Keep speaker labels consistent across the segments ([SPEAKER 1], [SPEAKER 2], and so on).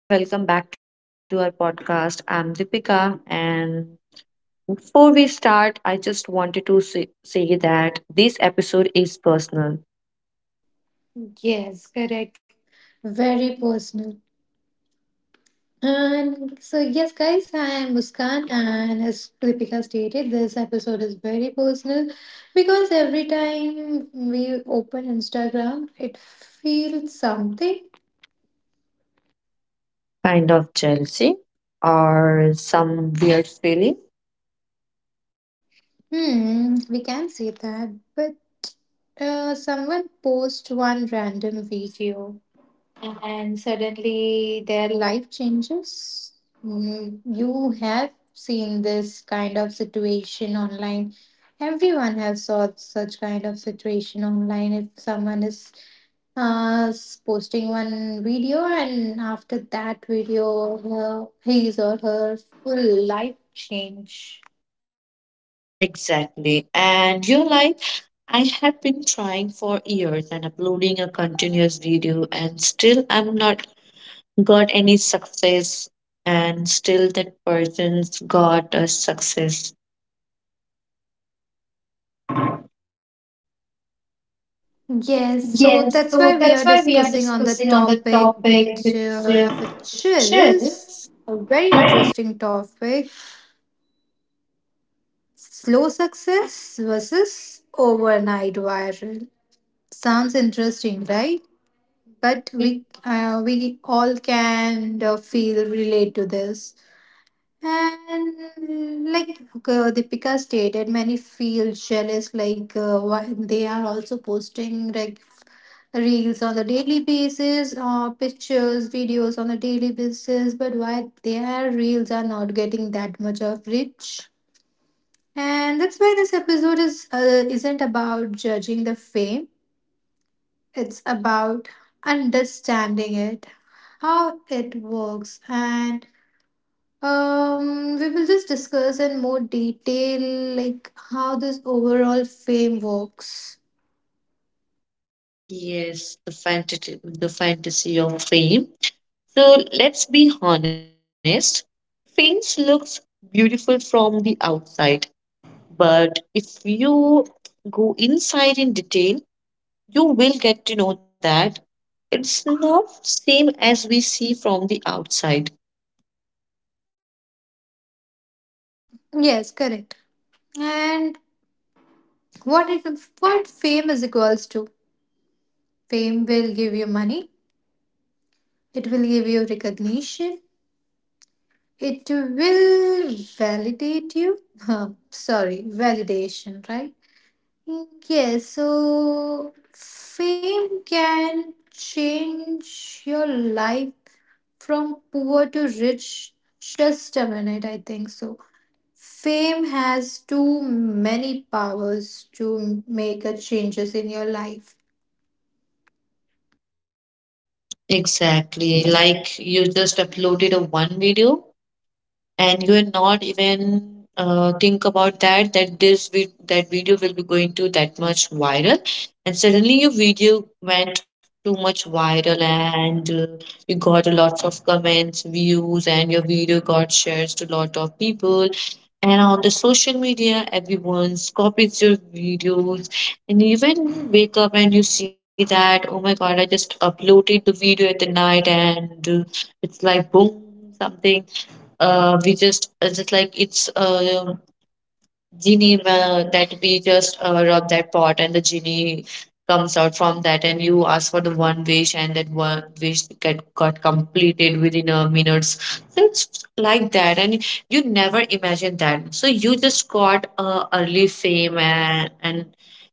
[SPEAKER 1] Hello, everyone. Welcome back to our podcast. I'm Deepika. And before we start, I just wanted to say that this episode is personal,
[SPEAKER 2] Yes, correct. Very personal. And so, yes, guys, I am Muskan, and as Kripika stated, this episode is very personal because every time we open Instagram, it feels something.
[SPEAKER 1] kind of jealousy or some weird feeling.
[SPEAKER 2] Hmm, we can say that, but someone post one random video and suddenly their life changes. You have seen this kind of situation online. Everyone has saw such kind of situation online. If someone is posting one video and after that video, her, his or her full life change.
[SPEAKER 1] Exactly. And you're like, I have been trying for years and uploading a continuous video, and still I'm not got any success, and still that person's got a success.
[SPEAKER 2] Yes,
[SPEAKER 1] Yes,
[SPEAKER 2] so
[SPEAKER 1] so
[SPEAKER 2] that's
[SPEAKER 1] that's
[SPEAKER 2] why
[SPEAKER 1] why
[SPEAKER 2] we are
[SPEAKER 1] we are
[SPEAKER 2] discussing
[SPEAKER 1] discussing
[SPEAKER 2] on the
[SPEAKER 1] on the
[SPEAKER 2] topic,
[SPEAKER 1] topic,
[SPEAKER 2] which
[SPEAKER 1] which
[SPEAKER 2] uh, which is
[SPEAKER 1] chills,
[SPEAKER 2] a very interesting topic: slow success versus overnight viral. Sounds interesting, right? But
[SPEAKER 1] but
[SPEAKER 2] we
[SPEAKER 1] we.
[SPEAKER 2] uh, we all can feel relate to this. And like Deepika stated, many feel jealous, like why they are also posting like reels on the daily basis or pictures videos on a daily basis, but why their reels are not getting that much of reach? And that's why this episode is isn't about judging the fame, it's about understanding it, how it works. And we will just discuss in more detail like how this overall fame works.
[SPEAKER 1] Yes, the fantasy of fame. So let's be honest. Fame looks beautiful from the outside, but if you go inside in detail, you will get to know that it's not same as we see from the outside.
[SPEAKER 2] Yes, correct. And what it what fame is equals to. Fame will give you money, it will give you recognition, it will validate you. Huh, sorry, validation, right? Yes, so fame can change your life from poor to rich. Just a minute, I think so. Fame has too many powers to make a changes in your life.
[SPEAKER 1] Exactly. Like you just uploaded a one video and you will not even think about that this that video will be going to that much viral, and suddenly your video went too much viral and you got lots of comments views, and your video got shares to lot of people, and on the social media, everyone's copies your videos. And even you wake up and you see that, oh my God, I just uploaded the video at the night and it's like boom, something. We just like it's genie that we just rub that pot, and the genie comes out from that, and you ask for the one wish, and that one wish get got completed within a minutes. So it's like that, and you never imagine that. So you just got early fame, and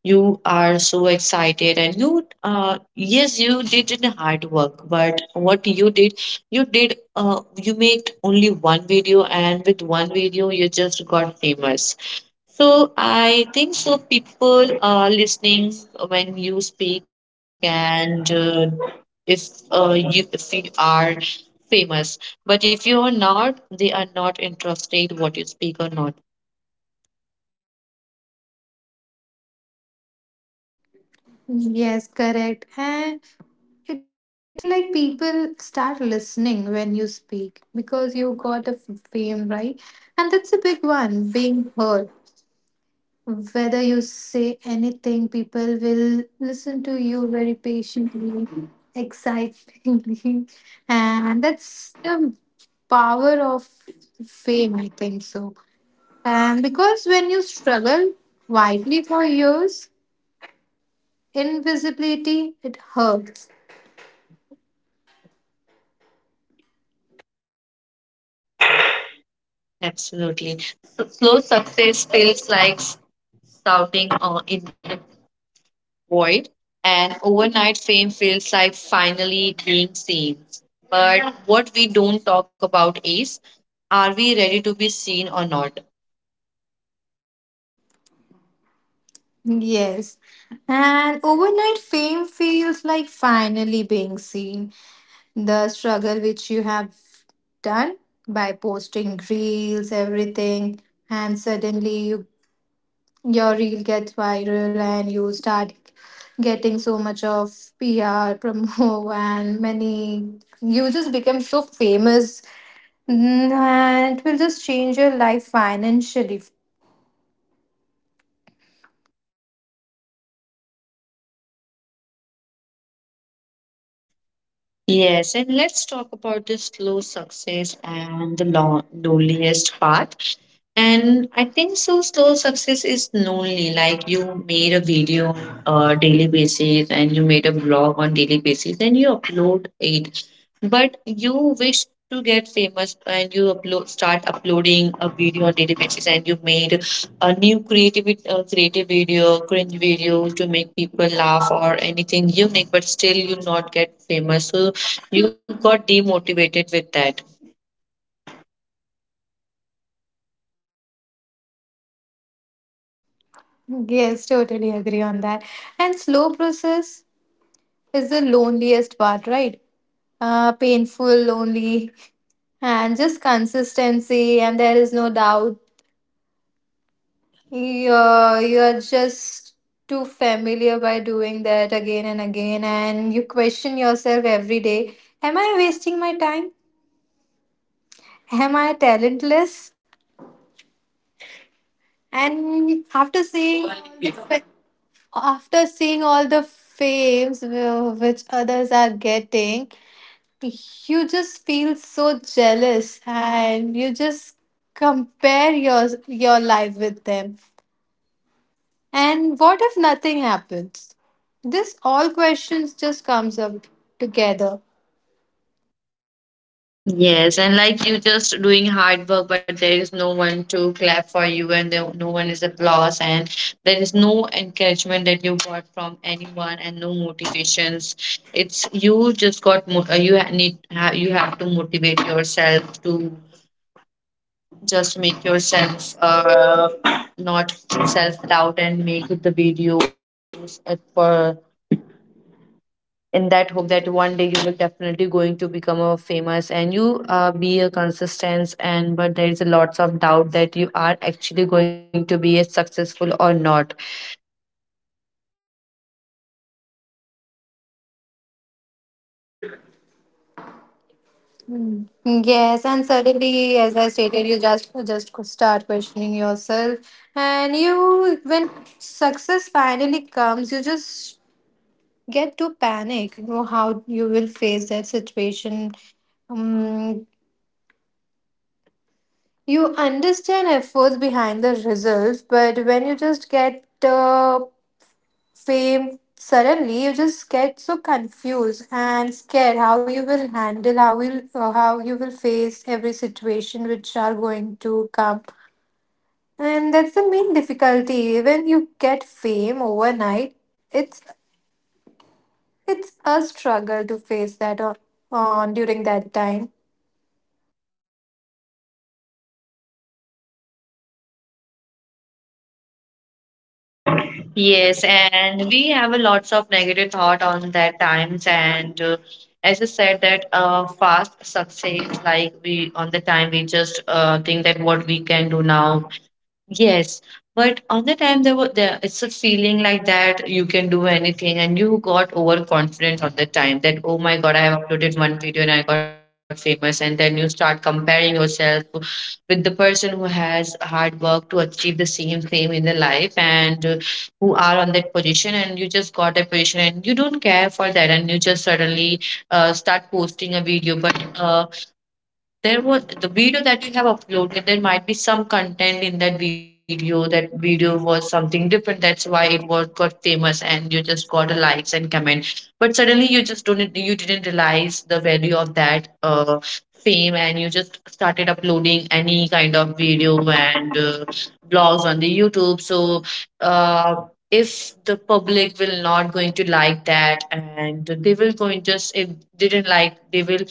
[SPEAKER 1] you are so excited, and you yes, you did in hard work, but what you did, you did you made only one video, and with one video you just got famous. So I think so people are listening when you speak, and if you, if you are famous, but if you are not, they are not interested what you speak or not.
[SPEAKER 2] Yes, correct. And it feel like people start listening when you speak because you got a fame, right? And that's a big one, being heard. Whether you say anything, people will listen to you very patiently, excitingly, and that's the power of fame, I think so. And because when you struggle widely for years, invisibility it hurts.
[SPEAKER 1] Absolutely. So slow success feels like shouting in the void, and overnight fame feels like finally being seen, but what we don't talk about is, are we ready to be seen or not?
[SPEAKER 2] Yes. And overnight fame feels like finally being seen. The struggle which you have done by posting reels, everything, and your reel gets viral and you start getting so much of PR, promo, and many. You just become so famous, and it will just change your life financially.
[SPEAKER 1] Yes, and let's talk about the slow success and the loneliest part. And I think so, slow success is lonely. Like you made a video on a daily basis, and you made a blog on daily basis, and you upload it, but you wish to get famous, and you upload start uploading a video on daily basis, and you made a new creative video, cringe video to make people laugh or anything unique, but still you not get famous. So you got demotivated with that.
[SPEAKER 2] Yes, totally agree on that. And slow process is the loneliest part, right? Painful, lonely, and just consistency, and there is no doubt. You're just too familiar by doing that again and again, and you question yourself every day. Am I wasting my time? Am I talentless? And after seeing all the fames which others are getting, you just feel so jealous and you just compare your life with them, and what if nothing happens? This all questions just comes up together.
[SPEAKER 1] Yes, and like you just doing hard work, but there is no one to clap for you, and there, no one is applause, and there is no encouragement that you got from anyone, and no motivations. It's you just got you you have to motivate yourself to just make yourself not self doubt and make the videos for in that hope that one day you will definitely going to become a famous, and you be a consistent, and but there is a lots of doubt that you are actually going to be a successful or not.
[SPEAKER 2] Yes, and suddenly, as I stated, you just start questioning yourself. And you, when success finally comes, you just get to panic, you know how you will face that situation. Um, You understand efforts behind the results, but when you just get the fame suddenly, you just get so confused and scared how you will handle, how you will face every situation which are going to come, and that's the main difficulty. When you get fame overnight, it's it's a struggle to face that on during that time.
[SPEAKER 1] Yes, and we have a lots of negative thought on that times, and as I said that fast success like we on the time we just think that what we can do now. Yes, but on the time there was there it's a feeling like that you can do anything, and you got overconfident on the time that oh my God, I have uploaded one video and I got famous. And then you start comparing yourself to- with the person who has hard work to achieve the same thing in their life, and who are on that position, and you just got that position, and you don't care for that, and you just suddenly start posting a video, but there was the video that you have uploaded, there might be some content in that video, that video was something different, that's why it was got famous, and you just got a likes and comment. But suddenly you just don't, you didn't realize the value of that fame, and you just started uploading any kind of video and blogs on the youtube. So uh, if the public will not going to like that, and they will going just if didn't like, they will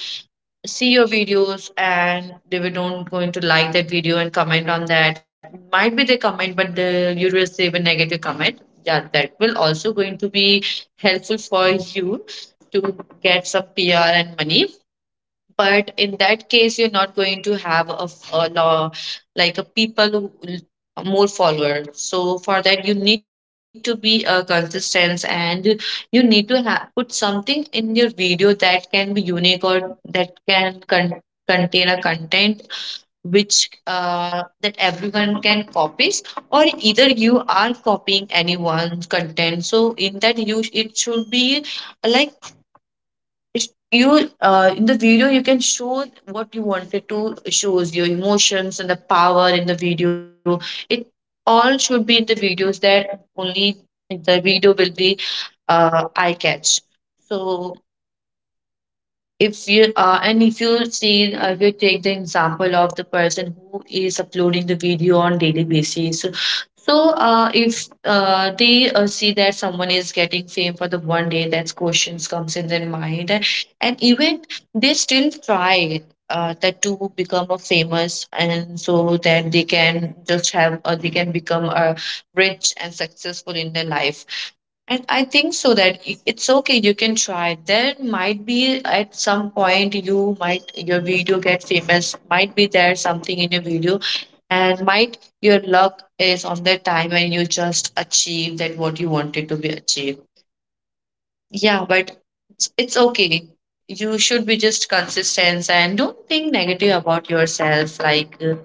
[SPEAKER 1] see your videos and they were not going to like that video and comment on that, might be they comment, but the, you receive a negative comment, yeah, that will also going to be helpful for you to get some pr and money. But in that case you're not going to have a, a law, like a people who will- more followers. So for that you need to be a consistent, and you need to have put something in your video that can be unique, or that can contain a content which that everyone can copies, or either you are copying anyone's content. So in that you it should be like, you in the video you can show what you wanted to shows, your emotions and the power in the video, it all should be in the videos that only the video will be eye catch. So if you and if you see if you take the example of the person who is uploading the video on daily basis, so if they see that someone is getting fame for the one day, that questions comes in their mind, and even they still try that to become a famous, and so that they can just have they can become rich and successful in their life. And I think so that it's okay, you can try. There might be at some point you might your video get famous, might be there something in your video, and might your luck is on the time when you just achieve that what you wanted to be achieved. Yeah, but it's okay. You should be just consistent and don't think negative about yourself like uh,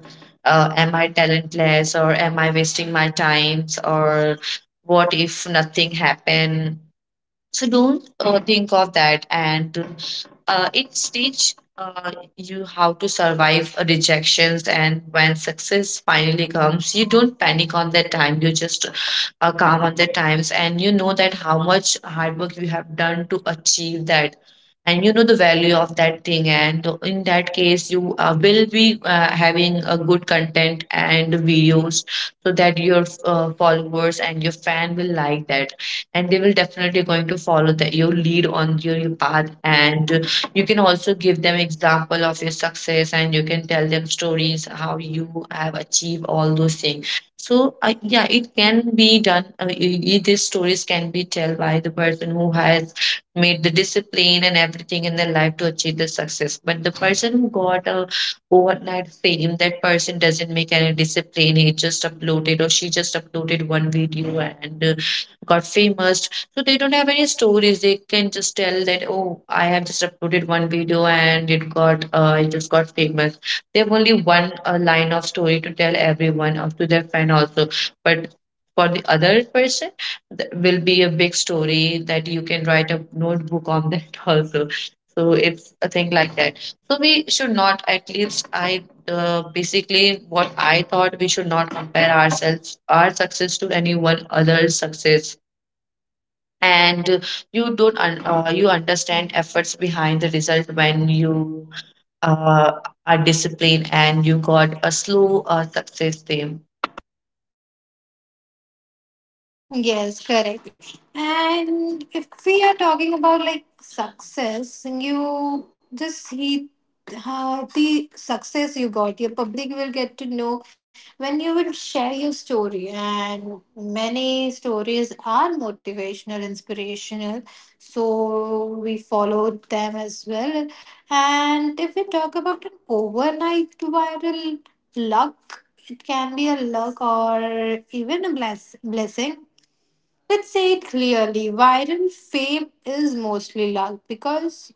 [SPEAKER 1] uh, am I talentless or am I wasting my times, or what if nothing happen? So don't think of that, and it teach you how to survive rejections. And when success finally comes, you don't panic on that time. You just calm on the times, and you know that how much hard work you have done to achieve that. And you know the value of that thing, and in that case, you will be having a good content and videos, so that your followers and your fan will like that, and they will definitely going to follow that your lead on your path. And you can also give them example of your success, and you can tell them stories how you have achieved all those things. So yeah, it can be done, these stories can be told by the person who has made the discipline and everything in their life to achieve the success. But the person who got a overnight fame, that person doesn't make any discipline, he just uploaded or she just uploaded one video, and got famous. So they don't have any stories. They can just tell that, oh, I have just uploaded one video and it got, it just got famous. They have only one line of story to tell everyone, or to their friend also. But for the other person, that will be a big story that you can write a notebook on that also. So it's a thing like that. So we should not, at least I basically what I thought, we should not compare ourselves, our success to anyone else's success. And you don't you understand efforts behind the result when you uh, are disciplined and you got a slow success fame.
[SPEAKER 2] Yes, correct. And if we are talking about like success, you just see how the success you got, your public will get to know when you will share your story. And many stories are motivational, inspirational, so we followed them as well. And if we talk about an overnight viral luck, it can be a luck or even a blessing. Let's say it clearly, viral fame is mostly luck because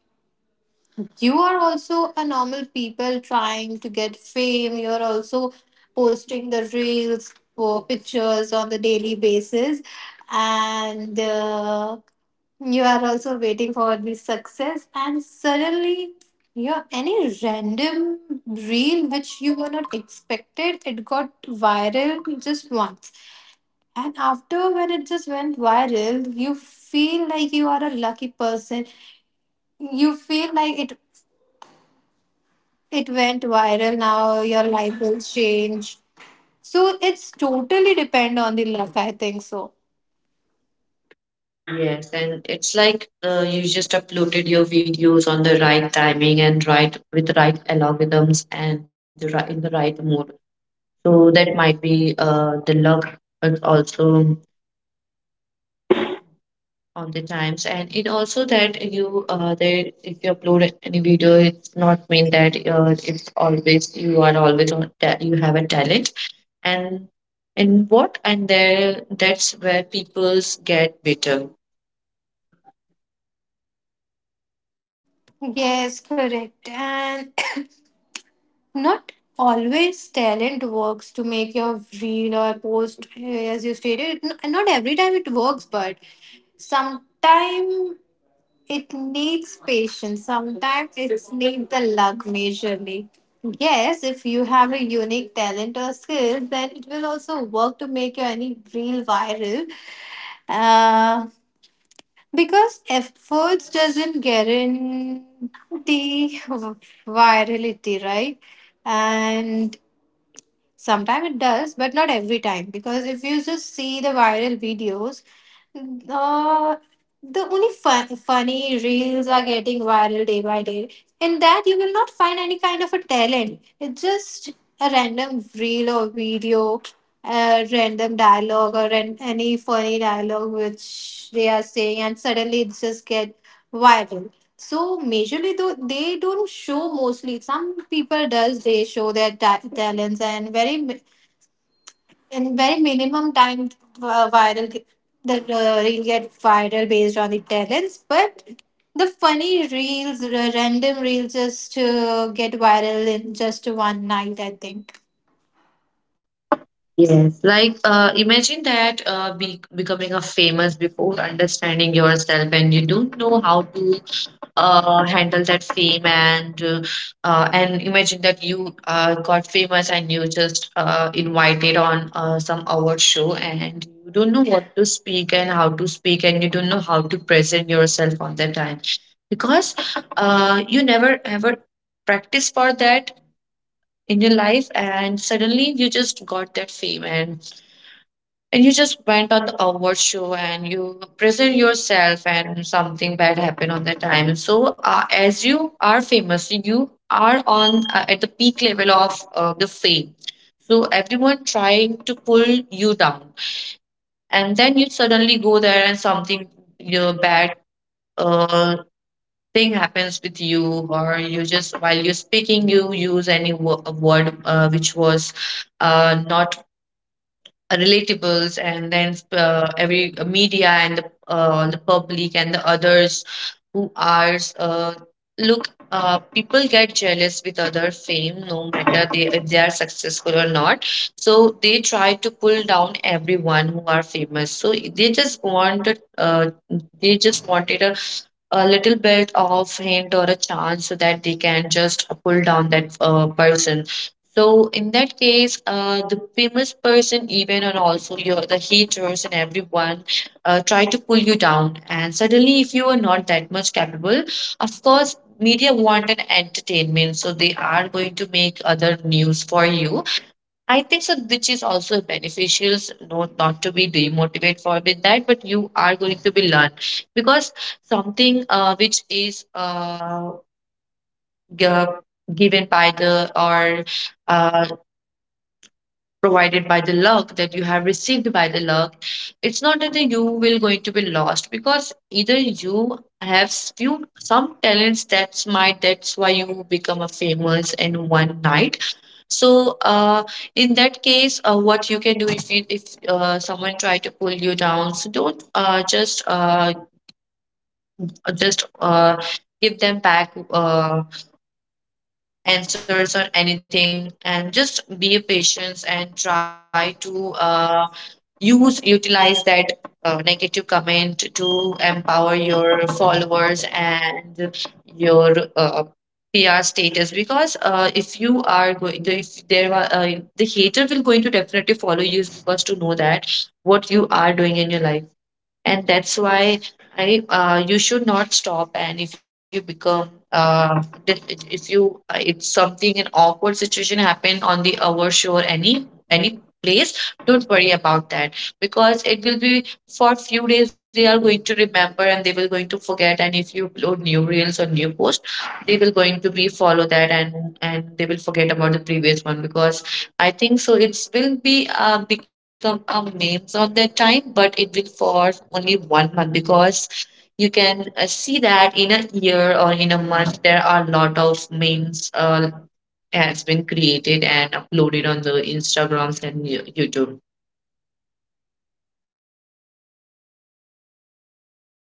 [SPEAKER 2] you are also a normal people trying to get fame. You're also posting the reels for pictures on the daily basis, and you are also waiting for the success. And suddenly, your any random reel, which you were not expected, it got viral just once. And after when it just went viral, you feel like you are a lucky person. You feel like it went viral now, your life will change. So it's totally depend on the luck, I think so.
[SPEAKER 1] Yes, and it's like you just uploaded your videos on the right timing and right with the right algorithms and the right, in the right mode. So that might be the luck, but also on the times, and it also that you there, if you upload any video, it's not mean that it's always you are always on you have a talent. and and what, and there that's where people's get bitter.
[SPEAKER 2] Yes, correct. And not always talent works to make your reel or post eh, as you stated. Not every time it works, but sometime it needs patience. Sometimes it needs the luck majorly. Yes, if you have a unique talent or skill, then it will also work to make your any reel viral. Uh, because efforts doesn't guarantee virality, right? And sometimes it does, but not every time. Because if you just see the viral videos, the the only funny reels are getting viral day by day. In that you will not find any kind of a talent. It's just a random reel or video, a random dialogue or any funny dialogue which they are saying, and suddenly it just get viral. So majorly though they don't show mostly. Some people does they show their talents, and very in very minimum time viral ge- the reel get viral based on the talents, but the funny reels, the random reels just to get viral in just one night, I think.
[SPEAKER 1] Yes, like imagine that becoming a famous before understanding yourself and you don't know how to handle that fame and imagine that you got famous and you just invited on some award show and you don't know what to speak and how to speak and you don't know how to present yourself on that time because you never ever practice for that in your life and suddenly you just got that fame and you just went on the award show and you present yourself and something bad happened on that time. So as you are famous you are on at the peak level of the fame, so everyone trying to pull you down. And then you suddenly go there and something your bad uh, thing happens with you, or you just while you're speaking you use any a word which was not relatables. And then every media and the public and the others who are look people get jealous with other fame, no matter they if they are successful or not. So they try to pull down everyone who are famous, so they just wanted a little bit of hint or a chance so that they can just pull down that person. So in that case, the famous person, even and also your the haters and everyone, try to pull you down. And suddenly, if you are not that much capable, of course, media want an entertainment, so they are going to make other news for you, I think so, which is also beneficial, not not to be demotivated for with that, but you are going to be learn because something which is gi- given by the or uh, provided by the luck, that you have received by the luck, it's not that you will going to be lost, because either you have few some talents that's might that's why you become a famous in one night. So, in that case, what you can do if if someone try to pull you down, so don't just give them back answers or anything, and just be patient and try to use utilize that negative comment to empower your followers and your PR status. Because if you are going, if there are the hater will going to definitely follow you because to know that what you are doing in your life. And that's why I you should not stop. And if you become if you it's something an awkward situation happen on the hour show or any place, don't worry about that, because it will be for few days they are going to remember and they will going to forget. And if you upload new reels or new post, they will going to be follow that, and they will forget about the previous one because, I think so, it will be become a memes on that time, but it will for only one month, because you can see that in a year or in a month there are a lot of memes has been created and uploaded on the Instagrams and YouTube.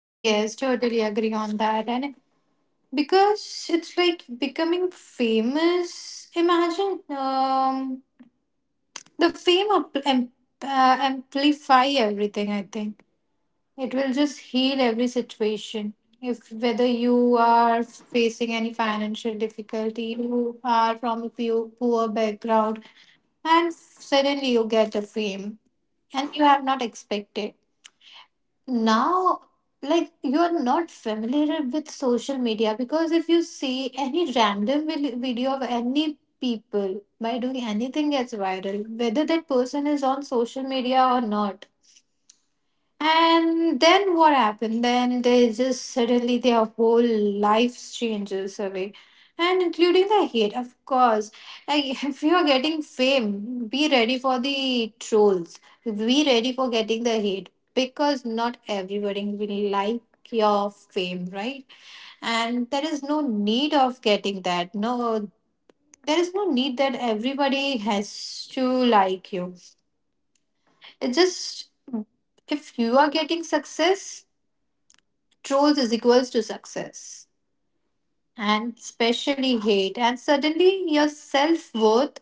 [SPEAKER 2] Yes, totally agree on that. And because it's like becoming famous, imagine the fame up, um, amplify everything, I think. It will just heal every situation. If whether you are facing any financial difficulty, you are from a few poor background, and suddenly you get a fame and you have not expected. Now, like you are not familiar with social media, because if you see any random video of any people by doing anything gets viral, whether that person is on social media or not, and then what happened? Then they just suddenly their whole lives changes away. And including the hate, of course. Like, if you are getting fame, be ready for the trolls. Be ready for getting the hate. Because not everybody will like your fame, right? And there is no need of getting that. No, there is no need that everybody has to like you. It just, if you are getting success, trolls is equals to success, and especially hate. And suddenly your self-worth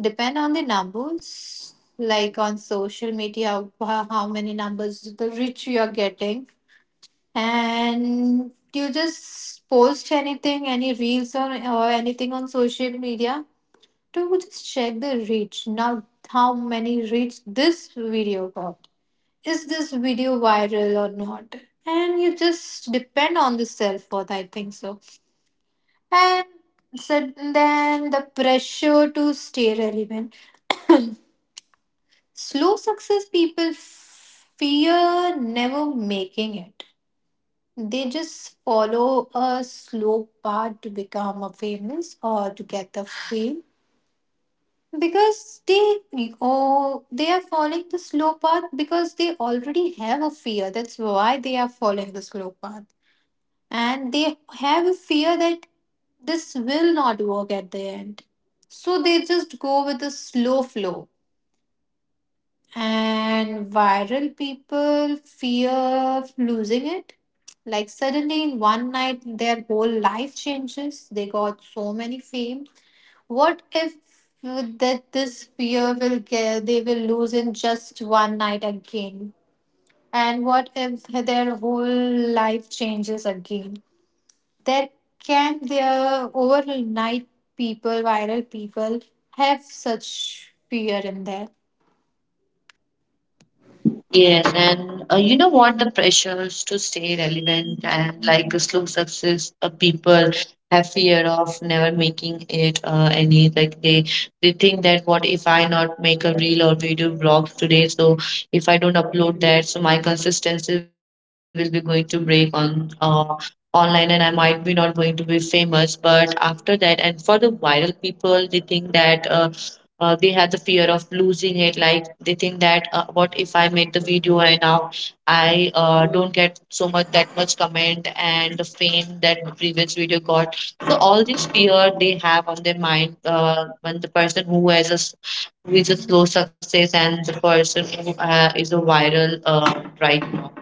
[SPEAKER 2] depend on the numbers, like on social media, how many numbers the rich you are getting. And you just post anything, any reels, or anything on social media to just check the reach now, how many reach this video got, is this video viral or not. And you just depend on the self worth, I think so. And so then the pressure to stay relevant. Slow success people fear never making it. They just follow a slow path to become a famous or to get the fame because they, oh, they are following the slow path because they already have a fear. That's why they are following the slow path. And they have a fear that this will not work at the end. So they just go with the slow flow. And viral people fear of losing it. Like suddenly in one night, their whole life changes. They got so many fame. What if that this fear will get they will lose in just one night again? And what if their whole life changes again? There can their overnight people, viral people have such fear in there.
[SPEAKER 1] Yes, and you know what? The pressures to stay relevant, and like a slow success, people have fear of never making it. Any like they think that what if I not make a reel or video vlog today? So if I don't upload that, so my consistency will be going to break on online, and I might be not going to be famous. But after that, and for the viral people, they think that they have the fear of losing it, like they think that what if I made the video and now I don't get so much that much comment and the fame that previous video got. So all this fear they have on their mind when the person who is a slow success and the person who is a viral right now.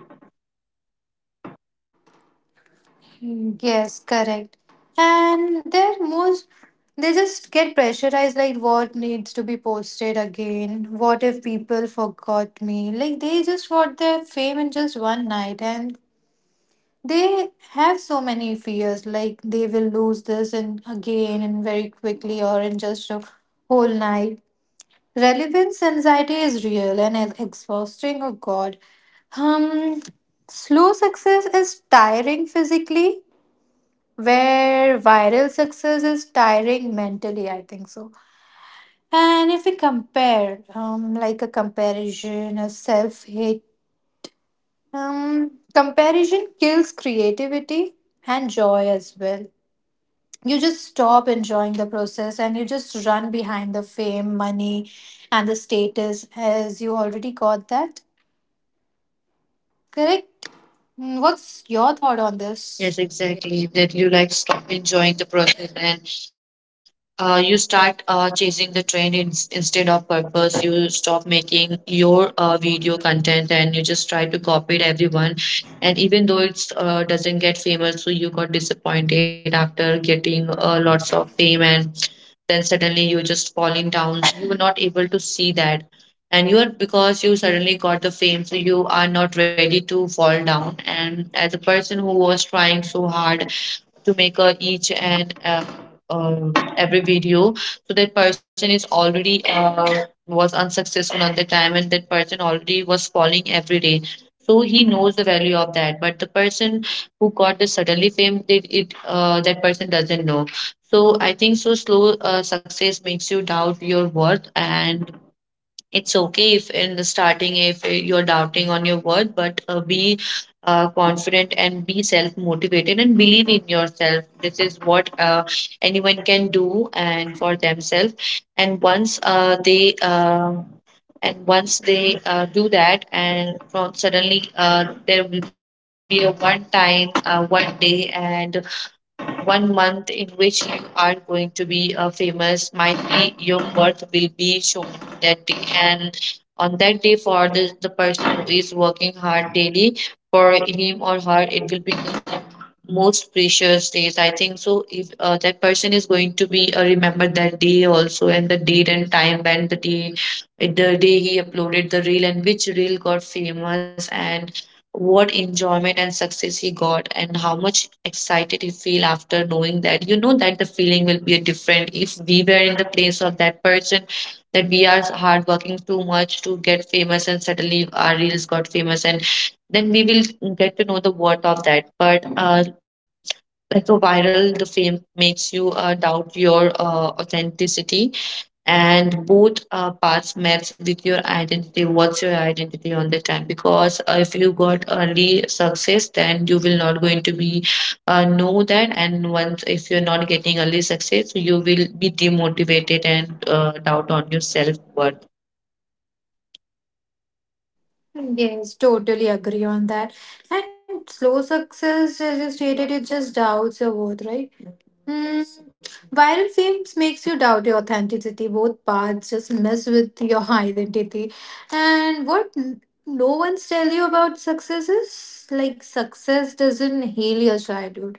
[SPEAKER 2] Yes, correct. And they're most, they just get pressurized like what needs to be posted again? What if people forgot me? Like they just got their fame in just one night, and they have so many fears like they will lose this and again and very quickly or in just a whole night. Relevance anxiety is real and exhausting. Oh God. Um, Slow success is tiring physically, where viral success is tiring mentally, I think so. And if we compare, like a comparison, a self hate, comparison kills creativity and joy as well. You just stop enjoying the process and you just run behind the fame, money, and the status as you already got that. Correct. What's your thought on this?
[SPEAKER 1] Yes, exactly, that you like stop enjoying the process and you start chasing the trend in, instead of purpose, you stop making your video content and you just try to copy it everyone. And even though it's doesn't get famous, so you got disappointed after getting lots of fame, and then suddenly you're just falling down, you were not able to see that. And you are because you suddenly got the fame, so you are not ready to fall down. And as a person who was trying so hard to make a each and every video, so that person is already was unsuccessful on the time, and that person already was falling every day, so he knows the value of that. But the person who got the suddenly fame, it that person doesn't know. So I think so, slow success makes you doubt your worth. And it's okay if in the starting if you're doubting on your word, but be confident and be self motivated and believe in yourself. This is what anyone can do and for themselves. And once uh, they uh, and once they do that, and from suddenly there will be a one time one day and one month in which you are going to be famous, might be your worth will be shown that day. And on that day, for the person who is working hard daily, for him or her, it will be the most precious days, I think so. If that person is going to be remembered that day also, and the date and time when the day he uploaded the reel and which reel got famous and what enjoyment and success he got and how much excited he feel, after knowing that, you know, that the feeling will be different if we were in the place of that person, that we are hard working too much to get famous and suddenly our reels got famous, and then we will get to know the worth of that. But like a viral the fame makes you doubt your authenticity, and both parts match with your identity, what's your identity on the time. Because if you got early success, then you will not going to be know that. And once if you're not getting early success, you will be demotivated and doubt on your self-worth.
[SPEAKER 2] Yes, totally agree on that. And slow success, as you stated, it just doubts your worth, right? Mm, Viral fame makes you doubt your authenticity. Both paths just mess with your identity. And what no one's tell you about success is like success doesn't heal your childhood.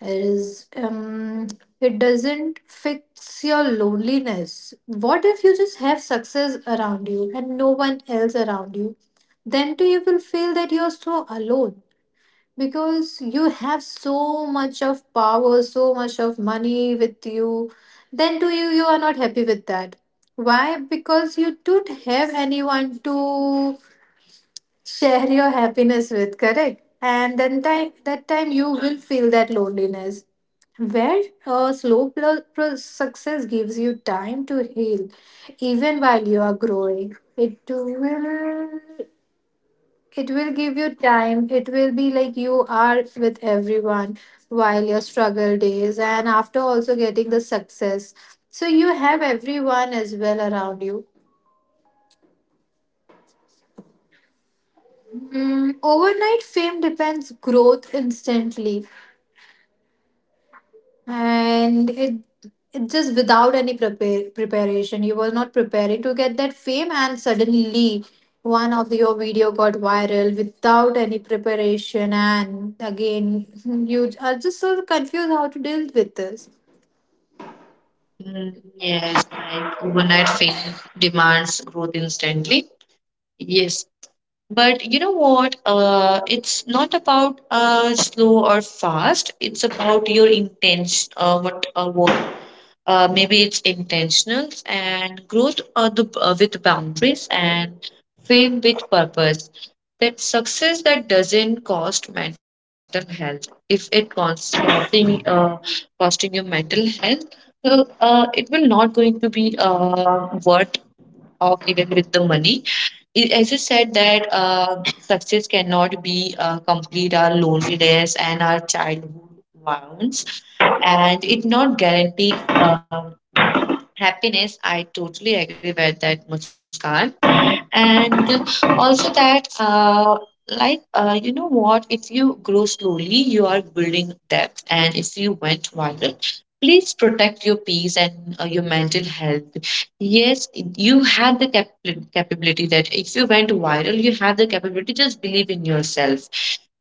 [SPEAKER 2] Is it doesn't fix your loneliness. What if you just have success around you and no one else around you? Then too, you will feel that you're so alone because you have so much of power, so much of money with you. Then too, you are not happy with that. Why? Because you don't have anyone to share your happiness with, correct? And then time, that time you will feel that loneliness. Where slow pl- pro success gives you time to heal, even while you are growing, it will give you time. It will be like you are with everyone while your struggle days, and after also getting the success. So you have everyone as well around you. Overnight fame depends growth instantly, and it just without any preparation, you were not preparing to get that fame, and suddenly one of your video got viral without any preparation, and again you are just so confused how to deal with this.
[SPEAKER 1] Mm, yes, like overnight fame demands growth instantly, yes. But you know what? It's not about slow or fast. It's about your intention. What? What? Maybe it's intentional and growth with boundaries and fame with purpose. That success that doesn't cost mental health. If it costs costing costing your mental health, so it will not going to be worth of, even with the money. It, as you said, that success cannot be complete our loneliness and our childhood wounds, and it not guarantee happiness. I totally agree with that, Muskan. And also that, you know what? If you grow slowly, you are building depth. And if you went viral, please protect your peace and your mental health. Yes, you have the capability that if you went viral, you have the capability. Just believe in yourself.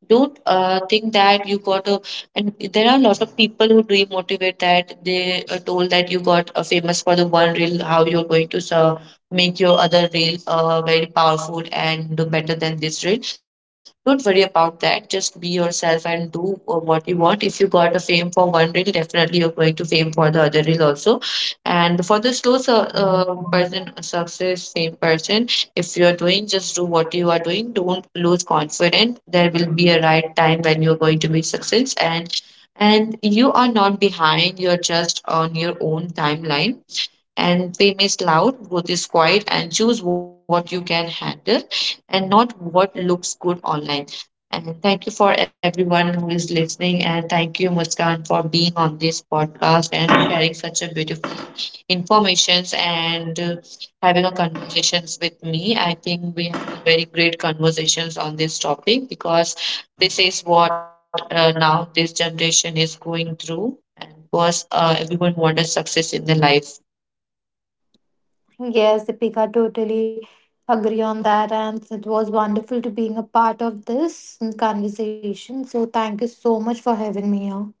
[SPEAKER 1] Don't think that you got and there are a lot of people who do motivate that they are told that you got famous for the one reel, how you're going to make your other reel very powerful and do better than this reel. Don't worry about that. Just be yourself and do what you want. If you got a fame for one reel, definitely you're going to fame for the other reel also. And for the person, success fame person, if you are doing, just do what you are doing, don't lose confidence, there will be a right time when you're going to be success. And you are not behind, you're just on your own timeline. And fame is loud, growth is quiet, and choose what you can handle and not what looks good online. And thank you for everyone who is listening, and thank you Muskan for being on this podcast and sharing such a beautiful informations and having a conversations with me. I think we have very great conversations on this topic, because this is what now this generation is going through. And of course, everyone wants success in their life.
[SPEAKER 2] Yes, Deepika, totally agree on that, and it was wonderful to being a part of this conversation, so thank you so much for having me here.